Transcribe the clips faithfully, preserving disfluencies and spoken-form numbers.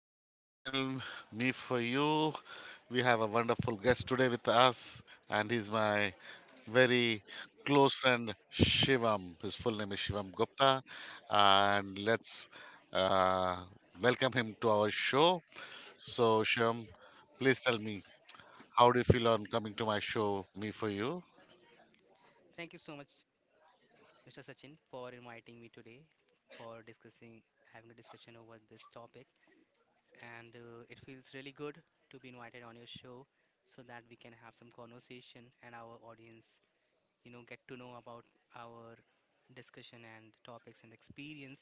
to my channel, Me For You. We have a wonderful guest today with us, and he's my very close friend, Shivam. His full name is Shivam Gupta. And let's uh, welcome him to our show. So, Shivam, please tell me, how do you feel on coming to my show, Me For You? Thank you so much, Mister Sachin, for inviting me today for discussing having a discussion over this topic. And uh, it feels really good to be invited on your show so that we can have some conversation and our audience, you know, get to know about our discussion and topics and experience.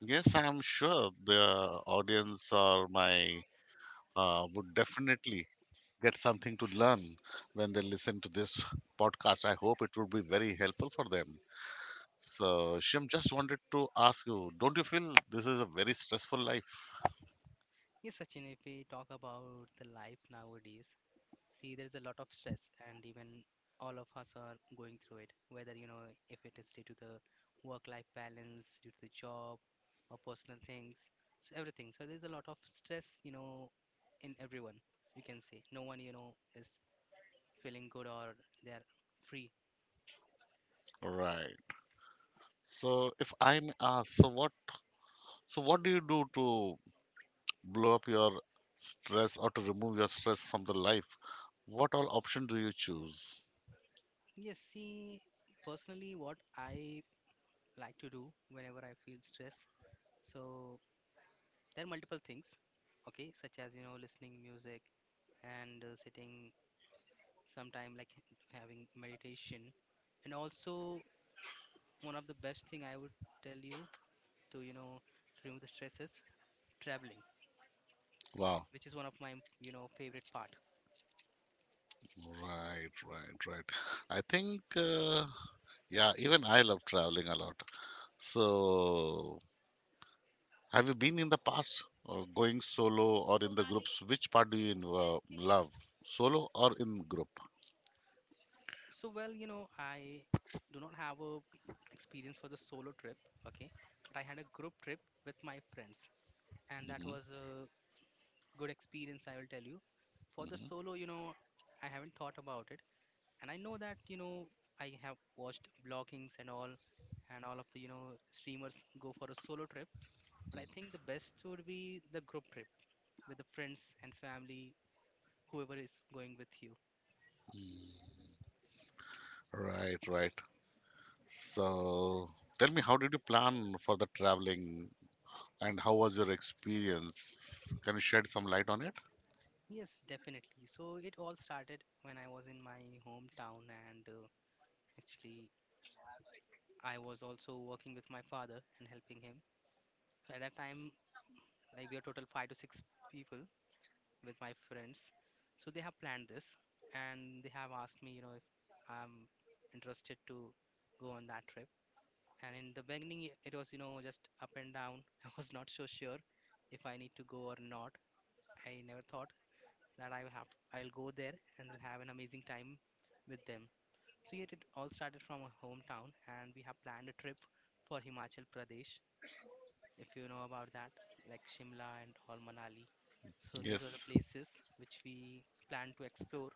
Yes, I'm sure the audience or my uh, would definitely get something to learn when they listen to this podcast. I hope it would be very helpful for them. So, Shyam, just wanted to ask you, don't you feel this is a very stressful life? Yes, Sachin, if we talk about the life nowadays, see, there's a lot of stress, and even all of us are going through it, whether you know if it is due to the work life balance, due to the job, or personal things, so everything. So, there's a lot of stress, you know, in everyone, you can say. No one, you know, is feeling good or they're free. Right. So, if I'm asked, so what, so what do you do to blow up your stress or to remove your stress from the life? What all option do you choose? Yes, see, personally, what I like to do whenever I feel stress, so there are multiple things, okay, such as you know, listening music and uh, sitting sometime like h- having meditation. And also, one of the best thing I would tell you to you know to remove the stress is traveling, Wow. which is one of my you know favorite part. Right, right, right. I think, uh, yeah, even I love traveling a lot. So, have you been in the past uh, going solo or in the groups? Which part do you uh, love, solo or in group? So, well, you know I do not have a experience for the solo trip, okay, but I had a group trip with my friends, and that was a good experience, I will tell you. For the solo, you know I haven't thought about it, and I know that you know I have watched bloggings and all, and all of the you know streamers go for a solo trip. But I think the best would be the group trip with the friends and family, whoever is going with you. Right, right. So, tell me, how did you plan for the traveling and how was your experience? Can you shed some light on it? Yes, definitely. So it all started when I was in my hometown, and uh, actually I was also working with my father and helping him. So at that time, like, we are total five to six people with my friends. So they have planned this, and they have asked me, you know, if I'm interested to go on that trip. And in the beginning, i- it was, you know, just up and down. I was not so sure if I need to go or not. I never thought that I will have, I'll go there and will have an amazing time with them. So yet it all started from a hometown, and we have planned a trip for Himachal Pradesh if you know about that, like Shimla and all Manali. So these were the Yes. places which we planned to explore,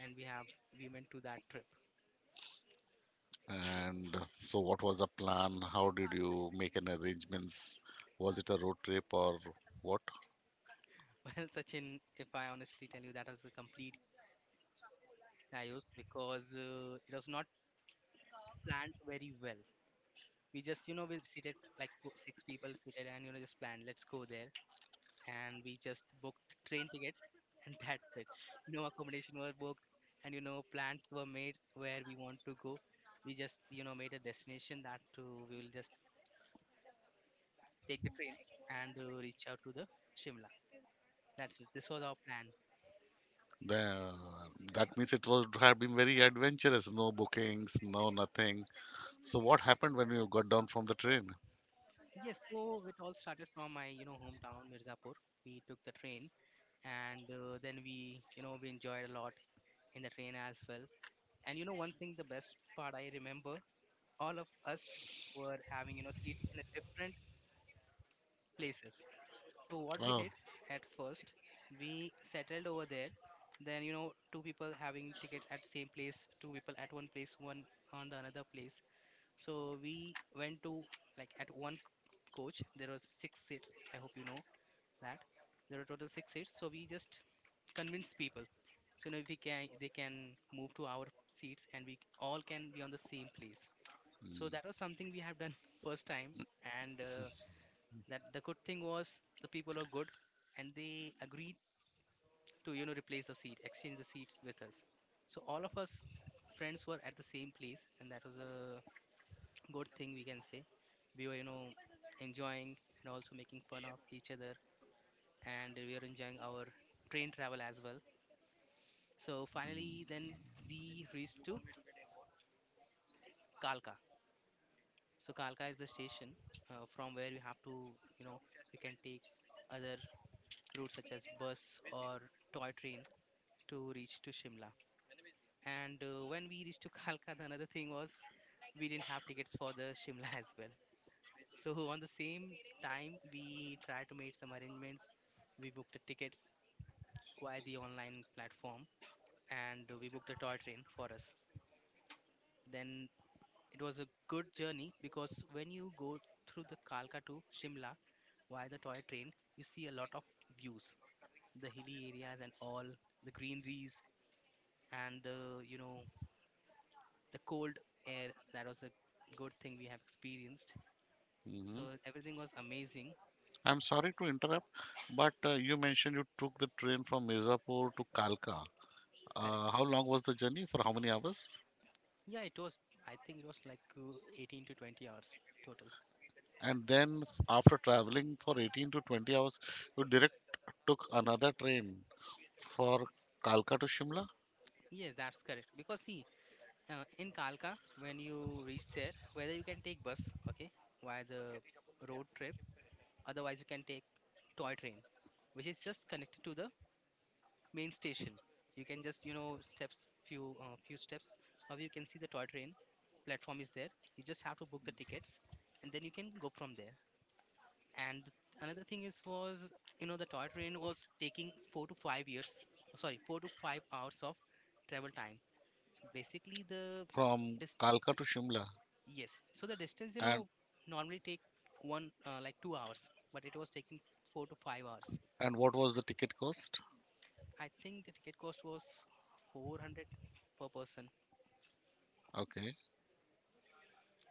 and we have we went to that trip. And so, what was the plan? How did you make an arrangements? Was it a road trip or what? Well, Sachin, if I honestly tell you, that was a complete chaos because uh, it was not planned very well. We just, you know, we seated like four- six people seated, and you know, just planned, let's go there, and we just booked train tickets and that's it. No accommodation was booked, and you know plans were made where we want to go. We just you know made a destination that uh, we will just take the train and uh, reach out to the Shimla. That's it. This was our plan. The, that means it was have been very adventurous. No bookings, no nothing. So what happened when you got down from the train? Yes, so it all started from my you know hometown Mirzapur. We took the train, and uh, then we you know we enjoyed a lot in the train as well. And you know one thing, the best part I remember, all of us were having you know seats in a different places. So what we Oh. did at first, we settled over there. Then, you know, two people having tickets at same place, two people at one place, one on the another place. So we went to like at one coach. There was six seats. I hope you know that there are total six seats. So we just convinced people. So, you know, we can they can move to our seats, and we all can be on the same place. So Mm. that was something we have done first time, and uh, that the good thing was the people are good, and they agreed to you know replace the seat exchange the seats with us. So all of us friends were at the same place, and that was a good thing, we can say. We were you know enjoying and also making fun of each other, and we were enjoying our train travel as well. So finally then we reached to Kalka. So Kalka is the station uh, from where you have to you know you can take other routes such as bus or toy train to reach to Shimla. And uh, when we reached to Kalka, the another thing was we didn't have tickets for the Shimla as well. So on the same time, we tried to make some arrangements. We booked the tickets via the online platform, and uh, we booked a toy train for us. Then it was a good journey because when you go through the Kalka to Shimla via the toy train, you see a lot of views, the hilly areas and all the greeneries, and the you know the cold air. That was a good thing we have experienced. So Hmm. everything was amazing. I'm sorry to interrupt, but uh, you mentioned you took the train from Mirzapur to Kalka. Correct. Uh, how long was the journey? For how many hours? Yeah, it was, I think it was like uh, eighteen to twenty hours total. And then after traveling for eighteen to twenty hours, you direct took another train for Kalka to Shimla? Yes, that's correct because see uh, in Kalka when you reach there, whether you can take bus, okay, via the road trip, otherwise you can take toy train, which is just connected to the main station. You can just you know steps, few uh, few steps. How you can see the toy train platform is there. You just have to book the tickets, and then you can go from there. And another thing is was you know the toy train was taking four to five years. Sorry, four to five hours of travel time. So basically the From dis- Kalka to Shimla. yes. So the distance, you And know normally take one uh, like two hours, but it was taking four to five hours. and what was the ticket cost? I think the ticket cost was four hundred per person. Okay.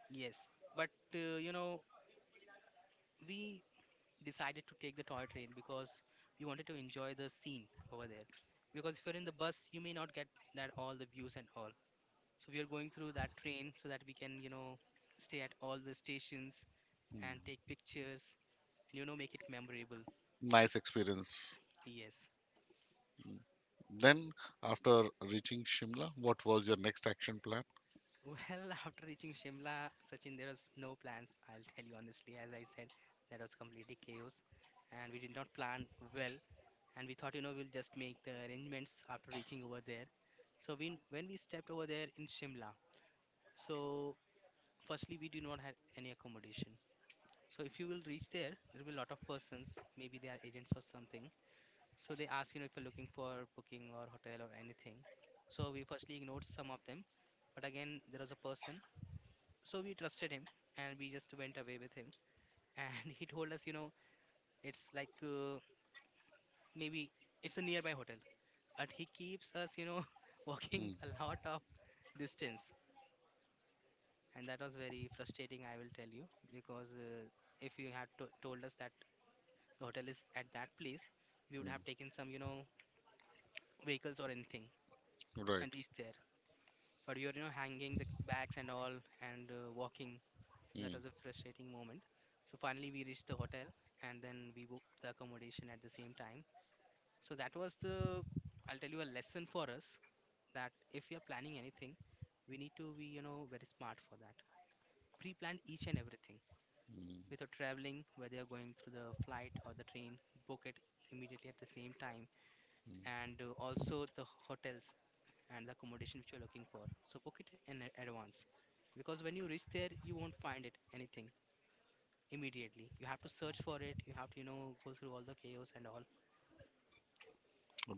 Yes, but uh, you know, we decided to take the toy train because we wanted to enjoy the scene over there. Because if you're in the bus, you may not get that all the views and all. So we are going through that train so that we can, you know, stay at all the stations and Hmm. take pictures and you know make it memorable. Nice experience. Yes. Then, after reaching Shimla, what was your next action plan? Well, after reaching Shimla, Sachin, there was no plans. I'll tell you honestly, as I said, that was completely chaos, and we did not plan well. And we thought, you know, we'll just make the arrangements after reaching over there. So we, when we stepped over there in Shimla, so firstly, we do not have any accommodation. So if you will reach there, there will be a lot of persons, maybe they are agents or something. So they ask, you know, if you're looking for booking or hotel or anything. So we firstly ignored some of them, but again, there was a person, so we trusted him, and we just went away with him, and he told us, you know it's like uh, maybe it's a nearby hotel, but he keeps us you know walking Mm, a lot of distance, and that was very frustrating, I will tell you, because uh, if you had to- told us that the hotel is at that place, we would have taken some you know vehicles or anything mm, right. and reached there, but we were you know hanging the bags and all, and uh, walking. That Mm, was a frustrating moment. So finally we reached the hotel, and then we booked the accommodation at the same time. So that was the I'll tell you, a lesson for us that if we are planning anything, we need to be, you know, very smart for that. Pre-plan each and everything. mm, With your traveling, whether you're going through the flight or the train, book it immediately at the same time, and uh, also the hotels and the accommodation which you're looking for. So book it in a- advance, because when you reach there you won't find it anything immediately. You have to search for it. You have to, you know, go through all the chaos and all.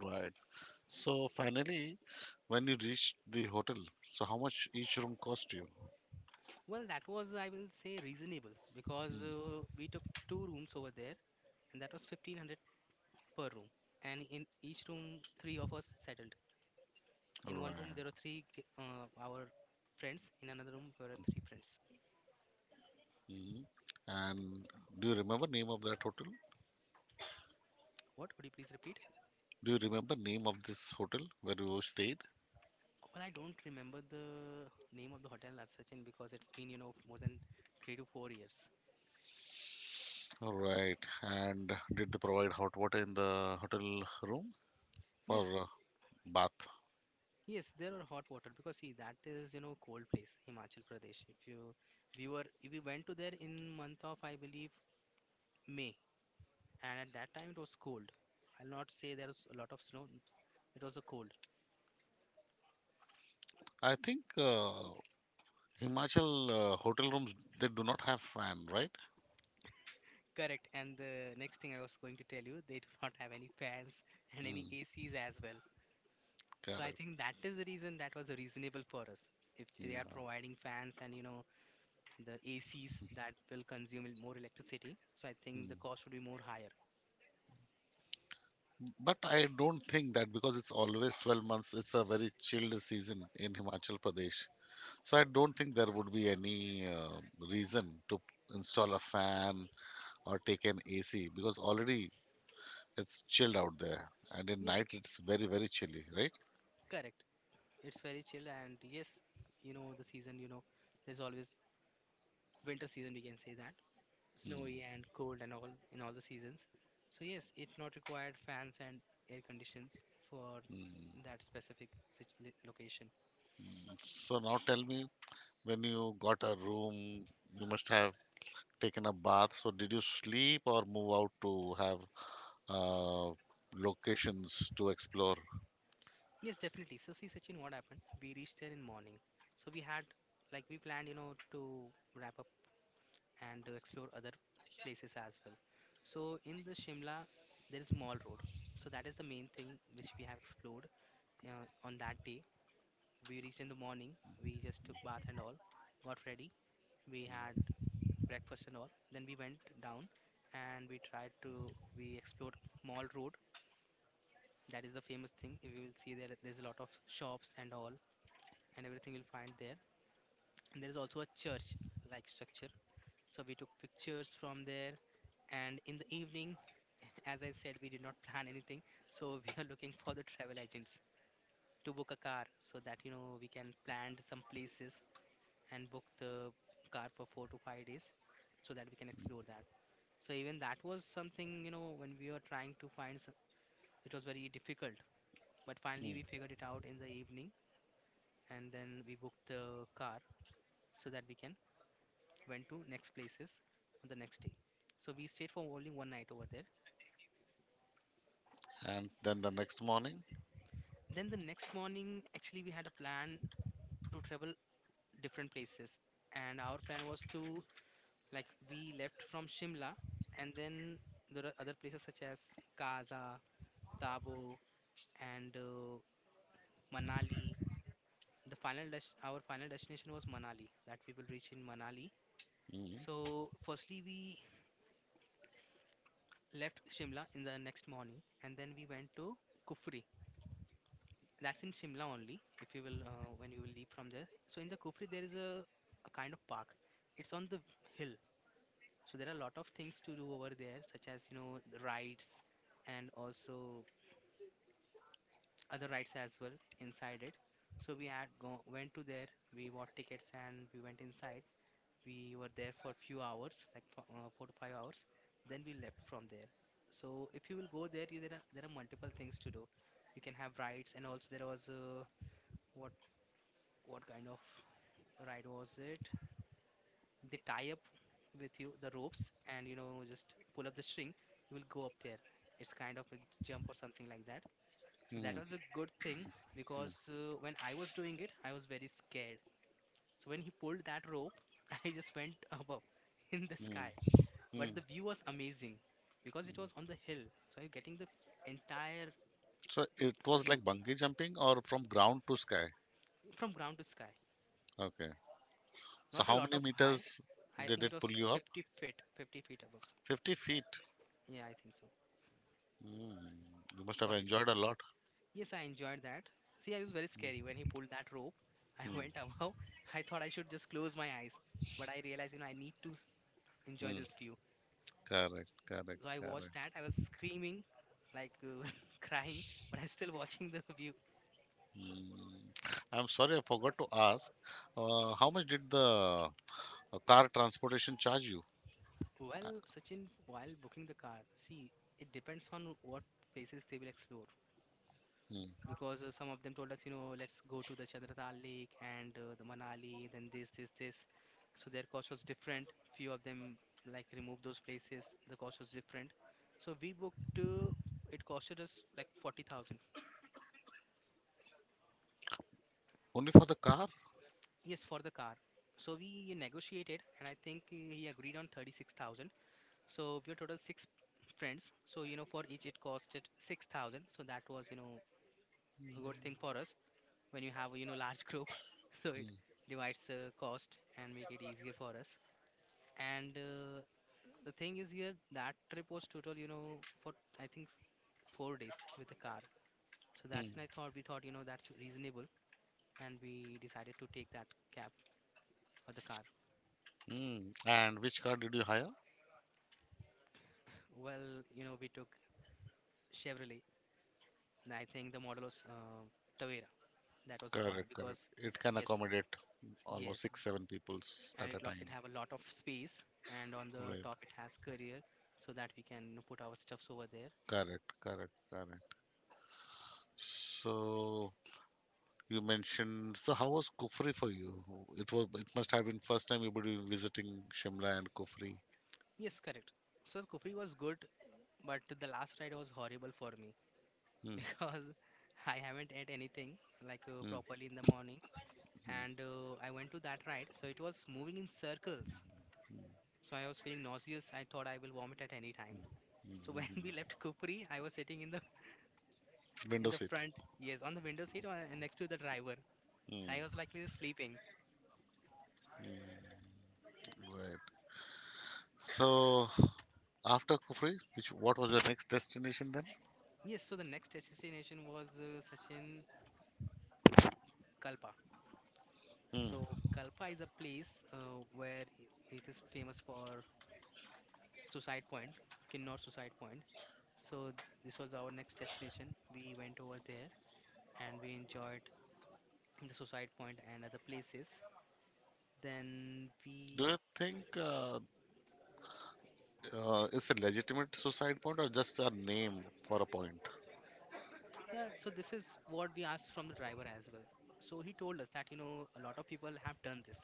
right. So finally, when you reached the hotel, so how much each room cost you? Well, that was, I will say, reasonable because uh, we took two rooms over there, and that was fifteen hundred per room. And in each room, three of us settled. In one room, Right. there were three g- uh, our friends. In another room, there were three friends. Hmm. And do you remember name of that hotel? What could you please repeat? Do you remember name of this hotel where you stayed? Well, I don't remember the name of the hotel as such, in because it's been, you know, more than three to four years. All right. And did they provide hot water in the hotel room Yes, for uh, bath? yes, there are hot water because see that is you know cold place Himachal Pradesh. If you we were if we went to there in month of, I believe, May, and at that time it was cold. I'll not say there was a lot of snow. It was a cold. I think uh, Himachal uh, hotel rooms they do not have fan, right? Correct. And the next thing I was going to tell you, they do not have any fans and any Mm, A Cs as well. So I correct. think that is the reason that was reasonable for us. If they Yeah. are providing fans and you know the A Cs that will consume more electricity, so I think the Mm. cost would be more higher. But I don't think that because it's always twelve months, it's a very chilled season in Himachal Pradesh. So I don't think there would be any uh, reason to install a fan or take an A C because already it's chilled out there. And in Yeah, night, c- it's very, very chilly, right? correct. It's very chill, and yes, you know the season. You know, there's always winter season. We can say that Mm, snowy and cold and all in all the seasons. So yes, it's not required fans and air conditions for mm. that specific sit- li- location. So now tell me, when you got a room, you must have taken a bath. So did you sleep or move out to have uh, locations to explore? Yes, definitely. So see, Sachin, what happened? We reached there in morning. So we had like we planned, you know, to wrap up and to explore other places as well. So in the Shimla, there is Mall Road. So that is the main thing which we have explored uh, on that day. We reached in the morning. We just took bath and all, got ready. We had breakfast and all. Then we went down and we tried to we explored Mall Road. That is the famous thing. If you will see there, there's a lot of shops and all, and everything you'll find there. And there is also a church-like structure. So we took pictures from there. And in the evening, as I said, we did not plan anything. So we are looking for the travel agents to book a car so that you know we can plan some places and book the car for four to five days so that we can explore that. So even that was something, you know, when we were trying to find, s- it was very difficult. But finally, we Mm. figured it out in the evening, and then we booked the car so that we can went to next places on the next day. So we stayed for only one night over there. And then the next morning? Then the next morning, actually, we had a plan to travel different places, and our plan was to like we left from Shimla, and then there are other places such as Gaza, Tabo, and uh, Manali. The final des- our final destination was Manali, that we will reach in Manali. Mm. So firstly we left Shimla in the next morning and then we went to Kufri. That's in Shimla only if you will uh, when you will leave from there. So in the Kufri there is a, a kind of park. It's on the hill. So there are a lot of things to do over there such as you know the rides and also other rides as well inside it. So we had go went to there. We bought tickets and we went inside. We were there for few hours, like for, uh, four to five hours. Then we left from there. So if you will go there, you- there are there are multiple things to do. You can have rides, and also there was uh, what what kind of ride was it? They tie up with you the ropes, and you know just pull up the string. You will go up there. It's kind of a jump or something like that. So that Mm. was a good thing because uh, when I was doing it, I was very scared. So when he pulled that rope, I just went above in the Mm. sky. But Mm. the view was amazing because it was on the hill. So you're getting the entire So it was view like bungee jumping or from ground to sky? from ground to sky. Okay. So Not a how lot many of high. meters I did think it it pull was you up? fifty feet, fifty feet above. fifty feet. Yeah, I think so. Mm. You must have forty to enjoyed a fifty. lot. Yes, I enjoyed that. See, I was very scary when he pulled that rope. I Mm. went above. I thought I should just close my eyes. But I realized, you know, I need to s- enjoy Mm. this view. Correct, correct, So I watched correct. that. I was screaming, like uh, crying, but I'm still watching the view. Mm. I'm sorry, I forgot to ask. Uh, how much did the uh, car transportation charge you? Well, Sachin, while booking the car, see, it depends on what places they will explore. Mm. Because uh, some of them told us, you know, let's go to the Chandratal Lake and uh, the Manali, then this, this, this. So their cost was different. Few of them like removed those places. The cost was different. So we booked. Uh, it costed us like forty thousand. Only for the car? Yes, for the car. So we negotiated, and I think uh, he agreed on thirty six thousand. So we were total six friends. So you know, for each it costed six thousand. So that was you know a good thing for us when you have a, you know large group. So it Mm. divides the cost and make it easier for us. And uh, the thing is here that trip was total you know for I think four days with the car. So that's Mm. when I thought we thought you know that's reasonable, and we decided to take that cab or the car. Mm. And which car did you hire? Well, you know we took Chevrolet, and I think the model was uh, Tavera. That was the car Correct, because correct. It can yes. accommodate Yes, almost six, seven b- peoples and at it a lo- it time. have a lot of space, and on the Right. top it has career, so that we can, you know, put our stuffs over there. Correct, correct, correct. So you mentioned. So how was Kufri for you? It was. It must have been first time you were visiting Shimla and Kufri. Yes, correct. So Kufri was good, but the last ride was horrible for me Mm. because I haven't ate anything like uh, Mm, properly in the morning, mm, and uh, I went to that ride, so it was moving in circles. So I was feeling nauseous. I thought I will vomit at any time. So mm, when mm, we left Kufri, I mm. was sitting in the in Window the seat. front, yes, on the window seat, uh, next to the driver, and Mm, I was likely sleeping. right. So after Kufri, which what was your next destination then? Yes, so the next destination was uh, Sachin, Kalpa. Hmm. So Kalpa is a place uh, where i- it is famous for Suicide Point, Kinnor Suicide Point. So th- this was our next destination. We went over there and we enjoyed the Suicide Point and other places. Then we, Do you think uh, uh, it's a legitimate suicide point or just a name for a point? yeah, so this is what we asked from the driver as well. So he told us that, you know, a lot of people have done this.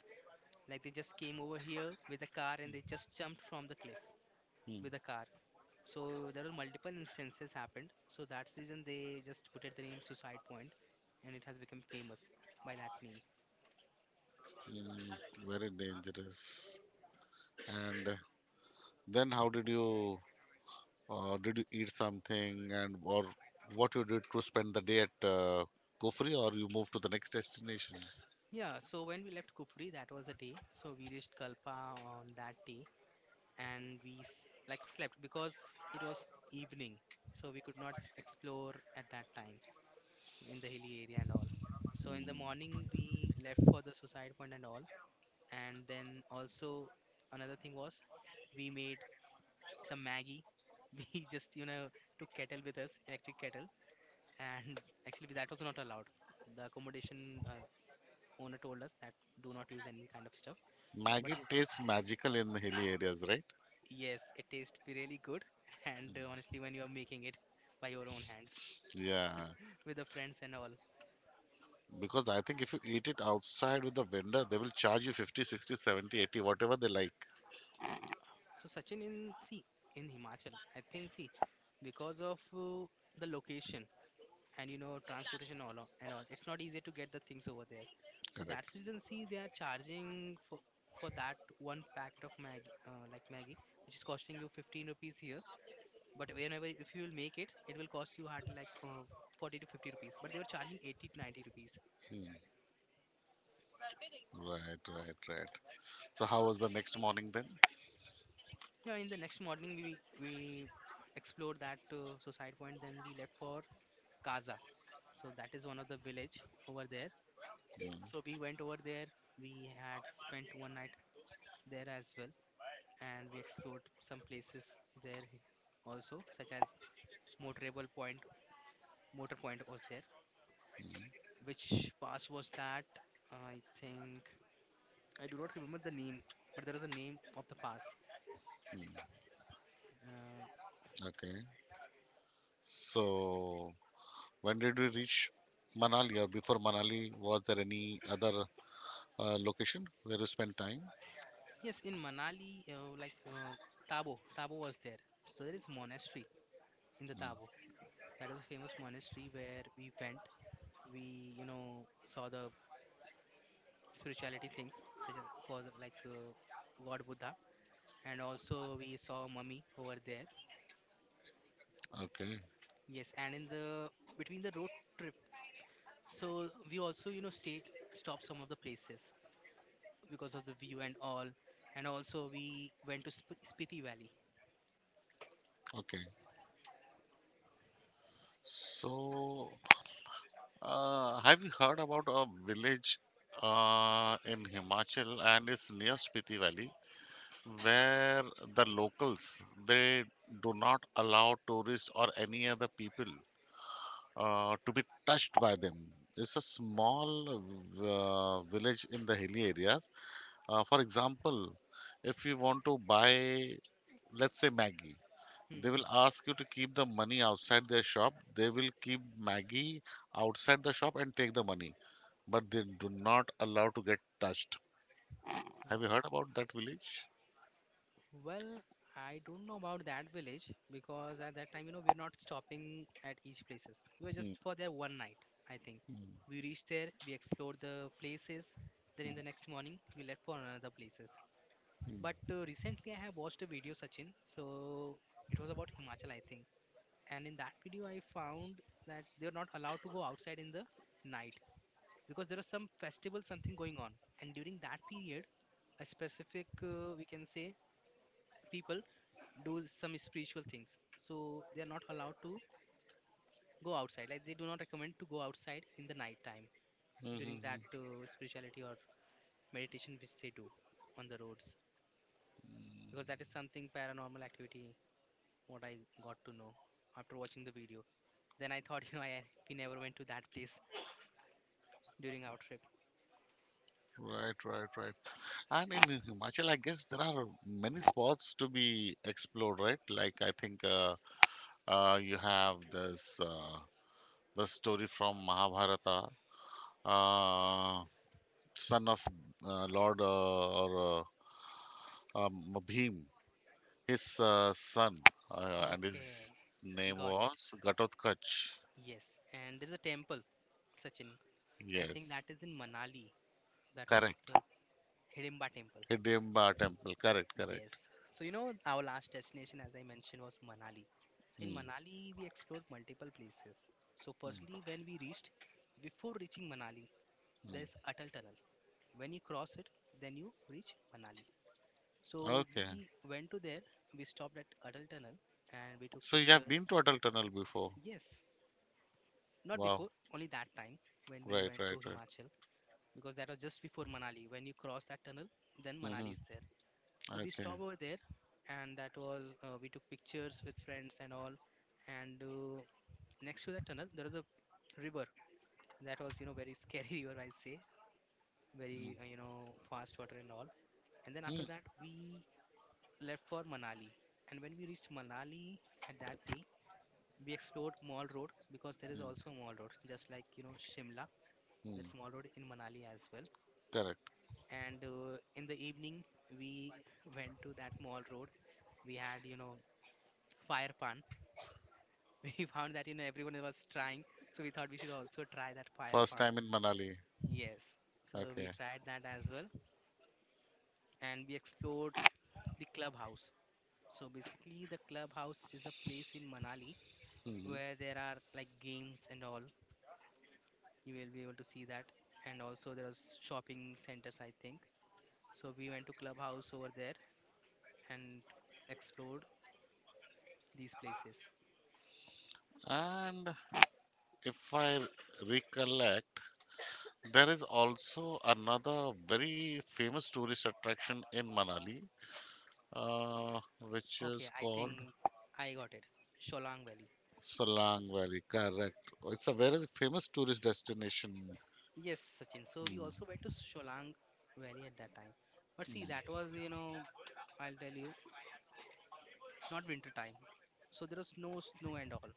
Like they just came over here with a car and they just jumped from the cliff Hmm. with a car. So there were multiple instances happened. So that's the reason they just put it the name Suicide Point, and it has become famous by that name. Hmm. Very dangerous. And then how did you Or did you eat something and or what you did to spend the day at uh, Kufri or you moved to the next destination? Yeah. So when we left Kufri, that was a day. So we reached Kalpa on that day, and we s- like slept because it was evening, so we could not s- explore at that time in the hilly area and all. So in the morning we left for the Suicide Point and all, and then also another thing was we made some Maggie. We just, you know, took kettle with us, electric kettle, and actually that was not allowed. The accommodation uh, owner told us that do not use any kind of stuff. But Maggi y- tastes magical in the hilly areas, right? yes, it tastes really good, and uh, honestly, when you are making it by your own hands Yeah, with the friends and all. because I think if you eat it outside with the vendor, they will charge you fifty, sixty, seventy, eighty, whatever they like. So Sachin, in see in Himachal, I think see because of uh, the location and you know transportation all o- and all, it's not easy to get the things over there, so Correct. that's the reason see they are charging for for that one packet of maggie uh, like maggie which is costing you fifteen rupees here, but whenever if you will make it, it will cost you hardly like for forty to fifty rupees, but they were charging eighty to ninety rupees. Hmm. Right, right, right. So how was the next morning then? Yeah, in the next morning we we explored that uh, suicide point, then we left for Kaza. So that is one of the village over there, Hmm, so we went over there, we had spent one night there as well, and we explored some places there, h- also, such as Motorable Point. Motor Point was there. hmm. Which pass was that? I think I do not remember the name, but there was a name of the pass. Uh, Okay. So when did we reach Manali or before Manali, was there any other uh, location where you spent time? yes, in Manali, uh, like uh, Tabo, Tabo was there. So there is monastery in the Mm, Tabo. That is a famous monastery where we went. We, you know, saw the spirituality things, such as for the, like uh, God Buddha, and also we saw mummy over there. okay, Yes, and in the between the road trip, so we also you know stay stop some of the places because of the view and all, and also we went to Sp- Spiti Valley. okay. So, uh, have you heard about a village uh, in Himachal and it's near Spiti Valley where the locals they do not allow tourists or any other people uh, to be touched by them. It's a small uh, village in the hilly areas. Uh, for example, if you want to buy, let's say, Maggie, they Hmm. will ask you to keep the money outside their shop. They will keep Maggie outside the shop and take the money, but they do not allow to get touched. Have Oh you heard about that village? well, I don't know about that village because at that time you know we're not stopping at each places. We were Hmm, just for there one night, I think. hmm, We reached there, we explored the places. Then in the next morning, we left for another places. hmm, But uh, recently, I have watched a video, Sachin. So it was about Himachal, I think, and in that video I found that they're not allowed to go outside in the night because there was some festival something going on, and during that period a specific, uh, we can say, people do some spiritual things, so they are not allowed to go outside. Like, they do not recommend to go outside in the night time hmm, hmm, during hmm. that uh, spirituality or meditation which they do on the roads, because that is something paranormal activity, what I got to know after watching the video. Then I thought you know I we never went to that place during our trip. Right, right, right. And in Himachal, I guess there are many spots to be explored, right? Like, I think uh, uh, you have this uh, the story from Mahabharata, uh, son of uh, Lord uh, or uh, um, Bhim, his uh, son, uh, and his Okay, name got it. was Ghatotkacha. Yes, and there's a temple, Sachin. I think Yes, that is in Manali. That was correct. the Hidimba temple. Hidimba Temple, correct, Yes. correct. So, you know, our last destination, as I mentioned, was Manali. So, in Hmm, Manali, we explored multiple places. So, firstly, when we reached, before reaching Manali, there's hmm. Atal Tunnel. When you cross it, then you reach Manali. So, Okay, we went to there, we stopped at Atal Tunnel, and we took so you have pictures. been to Atal Tunnel before. Yes. Not Wow, before, only that time when we right, went to right, right. Himachal, because that was just before Manali. When you cross that tunnel, then Manali Hmm. is there. So we Okay, stopped over there, and that was, uh, we took pictures with friends and all. And uh, next to that tunnel, there was a river that was, you know, very scary river, I say, very, uh, mm. you know, fast water and all. And then after Hmm. that, we left for Manali. And when we reached Manali at that day, we explored Mall Road, because there is Hmm. also a Mall Road, just like, you know, Shimla. That Hmm. small road in Manali as well. Correct. And uh, in the evening, we went to that mall road. We had, you know, fire pan. We found that, you know, everyone was trying. So we thought we should also try that fire First pan. time in Manali. Yes. So we Okay. tried that as well. And we explored the clubhouse. So basically, the clubhouse is a place in Manali Hmm. where there are like games and all. You will be able to see that. And also, there are shopping centers, I think. So we went to clubhouse over there and explored these places. And if I recollect, there is also another very famous tourist attraction in Manali, uh, which Okay, is I called think I got it. Sholang Valley. Salang Valley. Correct. It's a very famous tourist destination. Yes, Sachin. So we Mm, also went to Sholang Valley at that time. But see, that mm, was, you know, I'll tell you, not winter time. So there was no snow and all.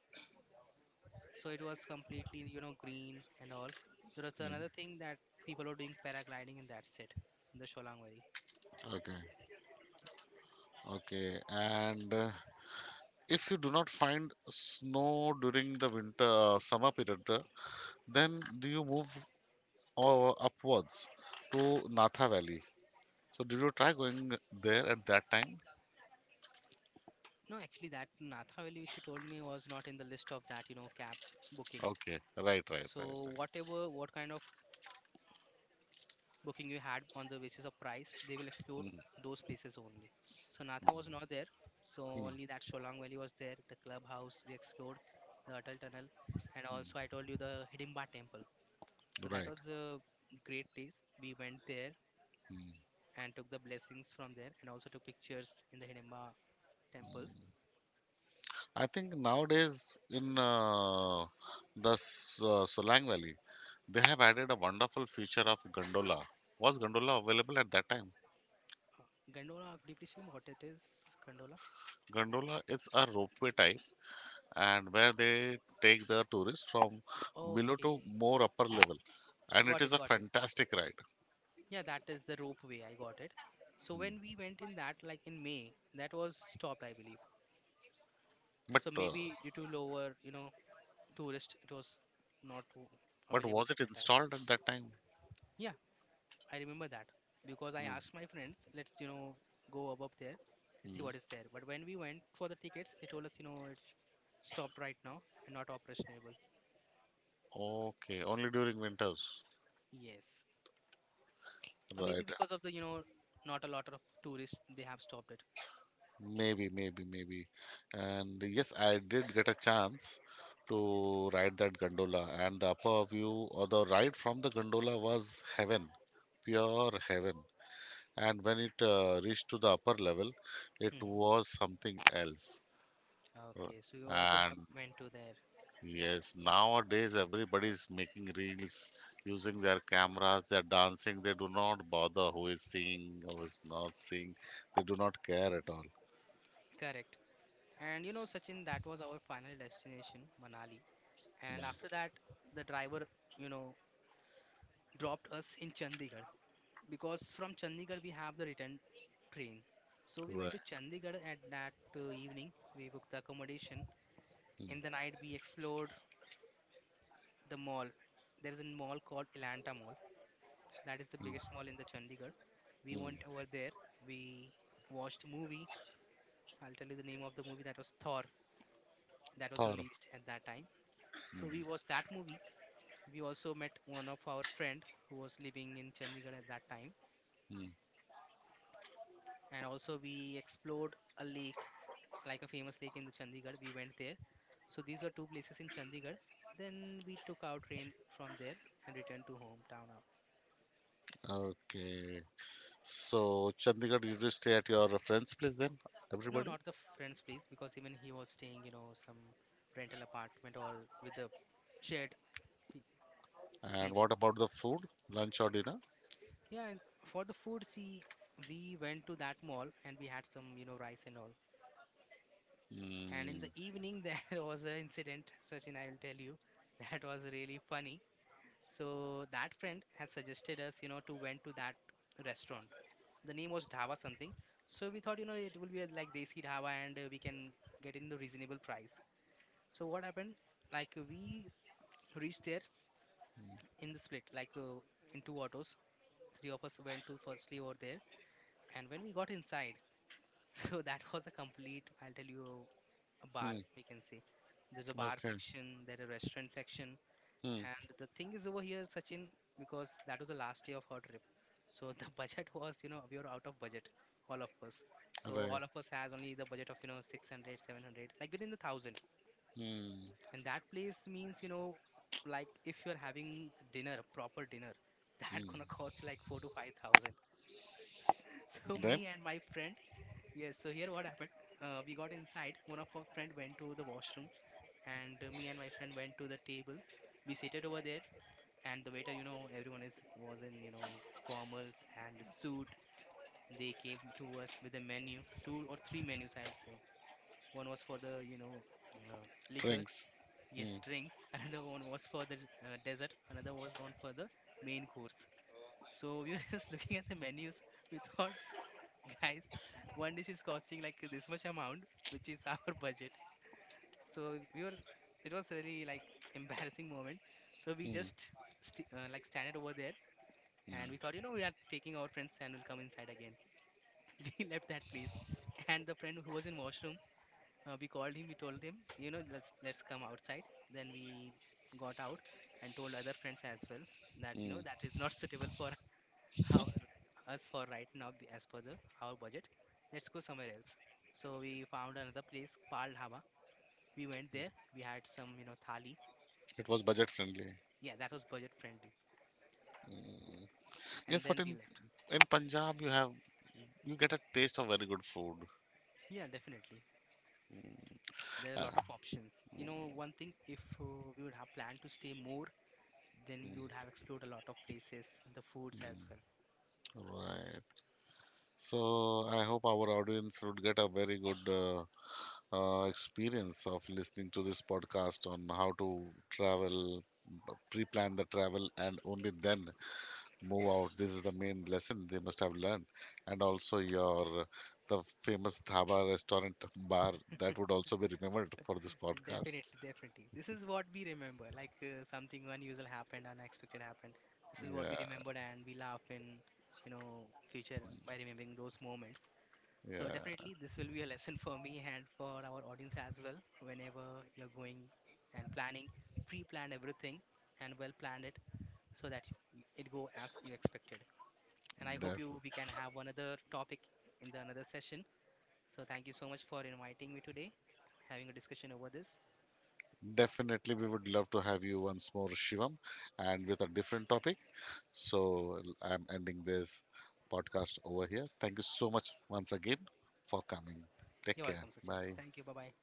So it was completely, you know, green and all. There was another thing that people were doing paragliding, and that's it in the Sholang Valley. mm. Okay, okay. And uh, if you do not find snow during the winter uh, summer period, uh, then do you move uh, upwards to Natha Valley? So did you try going there at that time? No, actually that Natha Valley which you told me was not in the list of that, you know, cab booking. Okay, right, right, right, So right. whatever, what kind of booking you had on the basis of price, they will explore Mm, those places only. So Natha was not there. So mm, only that Sholang Valley was there, the clubhouse we explored, the Atal Tunnel, and also I told you the Hidimba Temple. So that right. was a great place. We went there Hmm. and took the blessings from there, and also took pictures in the Hidimba Temple. I think nowadays in uh, the S- uh, Solang Valley, they have added a wonderful feature of gondola. Was gondola available at that time? Uh, Gondola, could you please tell me what it is? Gondola. Gondola is a ropeway type, and where they take the tourists from below to Okay, more upper level, and it got is it, a got it. fantastic ride. Yeah, that is the rope way. I got it. So when Mm. we went in that, like in May, that was stopped, I believe. But So uh, maybe due to lower, you know, tourist, it was not w- but available was at it that time. installed at that time? Yeah, I remember that because I Mm. asked my friends, let's, you know, go above there, let's see Mm. what is there. But when we went for the tickets, they told us, you know, it's stopped right now and not operationable. Okay, only during winters, Yes. Or maybe right? because of the, you know, not a lot of tourists, they have stopped it. Maybe, maybe, maybe. And yes, I did get a chance to ride that gondola, and the upper view or the ride from the gondola was heaven, pure heaven. And when it uh, reached to the upper level, it Hmm. was something else. Uh, Okay, so you also have And went to there. yes, nowadays everybody is making reels using their cameras, they're dancing, they do not bother who is seeing, who is not seeing, they do not care at all. Correct. And you know, Sachin, that was our final destination, Manali. And after Mm. that, the driver, you know, dropped us in Chandigarh because from Chandigarh we have the return train. So we went Right. to Chandigarh at that uh, evening. We booked the accommodation. Mm, In the night we explored the mall. There is a mall called Elanta Mall. That is the biggest mall in the Chandigarh. We mm, mm. went over there. We watched a movie. I'll tell you the name of the movie, that was Thor. That was Thor. released at that time. So we watched that movie. We also met one of our friend who was living in Chandigarh at that time. Hmm. And also we explored a lake, like a famous lake in the Chandigarh. We went there. So these were two places in Chandigarh. Then we took our train from there and returned to hometown now. Okay. So, Chandigarh, you do stay at your friend's place then, No, everybody? not the friend's place, because even he was staying, you know, some rental apartment or with the shared P- And PG. what about the food? Lunch or dinner? Yeah, and for the food, see, we went to that mall and we had some, you know, rice and all. And in Hmm. the evening, there was an incident, Sachin, I will tell you, that was really funny. So that friend has suggested us, you know, to went to that restaurant. The name was dhaba something, so we thought, you know, it will be a, like, desi dhaba, and uh, we can get in the reasonable price. So what happened, like, uh, we reached there in the split, like, uh, in two autos. Three of us went to firstly over there, and when we got inside, so that was a complete, I'll tell you, a bar, Hmm. we can say. There's a bar Okay. section, there's a restaurant section. Hmm. And the thing is over here, Sachin, because that was the last day of her trip. So the budget was, you know, we were out of budget, all of us. So Right. all of us has only the budget of, you know, six hundred, seven hundred, like within the thousand. Hmm. And that place means, you know, like if you're having dinner, proper dinner, that Hmm. gonna cost like four to five thousand. So Then, me and my friend, yes. So here what happened? Uh, we got inside. One of our friend went to the washroom, and uh, me and my friend went to the table. We seated over there, and the waiter, you know, everyone is was in, you know, formals and suit. They came to us with a menu, two or three menus I'll say. One was for the, you know, uh, liquor, drinks. yes, Hmm. drinks. Another one was for the uh, dessert, another was one for the main course. So we were just looking at the menus. We thought, guys, one dish is costing like this much amount, which is our budget. So we were, it was really like embarrassing moment. So we Hmm. just st- uh, like standing over there, and Hmm. we thought, you know, we are taking our friends and will come inside again. We left that place, and the friend who was in washroom, uh, we called him. We told him, you know, let's let's come outside. Then we got out and told other friends as well that, you know, Hmm. that is not suitable for our us for right now, be- as per the our budget. Let's go somewhere else. So we found another place, Pal Dhaba. We went there. We had some, you know, thali. It was budget friendly. Yeah, that was budget friendly. And Yes, but then we in left. in Punjab you have you get a taste of very good food. Yeah, definitely. There are a lot Ah, of options. You know, one thing, if uh, we would have planned to stay more, then we would have explored a lot of places, the foods as well. right. So I hope our audience would get a very good uh, uh, experience of listening to this podcast on how to travel, b- pre-plan the travel, and only then move out. This is the main lesson they must have learned, and also your the famous dhaba restaurant bar that would also be remembered for this podcast. Definitely, definitely. This is what we remember. Like, uh, something unusual happened, unexpected happened. This is what we Yeah, remembered, and we laugh in, you know, future by remembering those moments. So yeah, definitely, this will be a lesson for me and for our audience as well. Whenever you're going and planning, pre-plan everything and well plan it, so that it go as you expected. And I hope you def- we can have another topic in the another session. So thank you so much for inviting me today, having a discussion over this. definitely. We would love to have you once more, Shivam, and with a different topic. So I'm ending this podcast over here. Thank you so much once again for coming. Take You're care. welcome, Sachin. Bye. Thank you. Bye bye.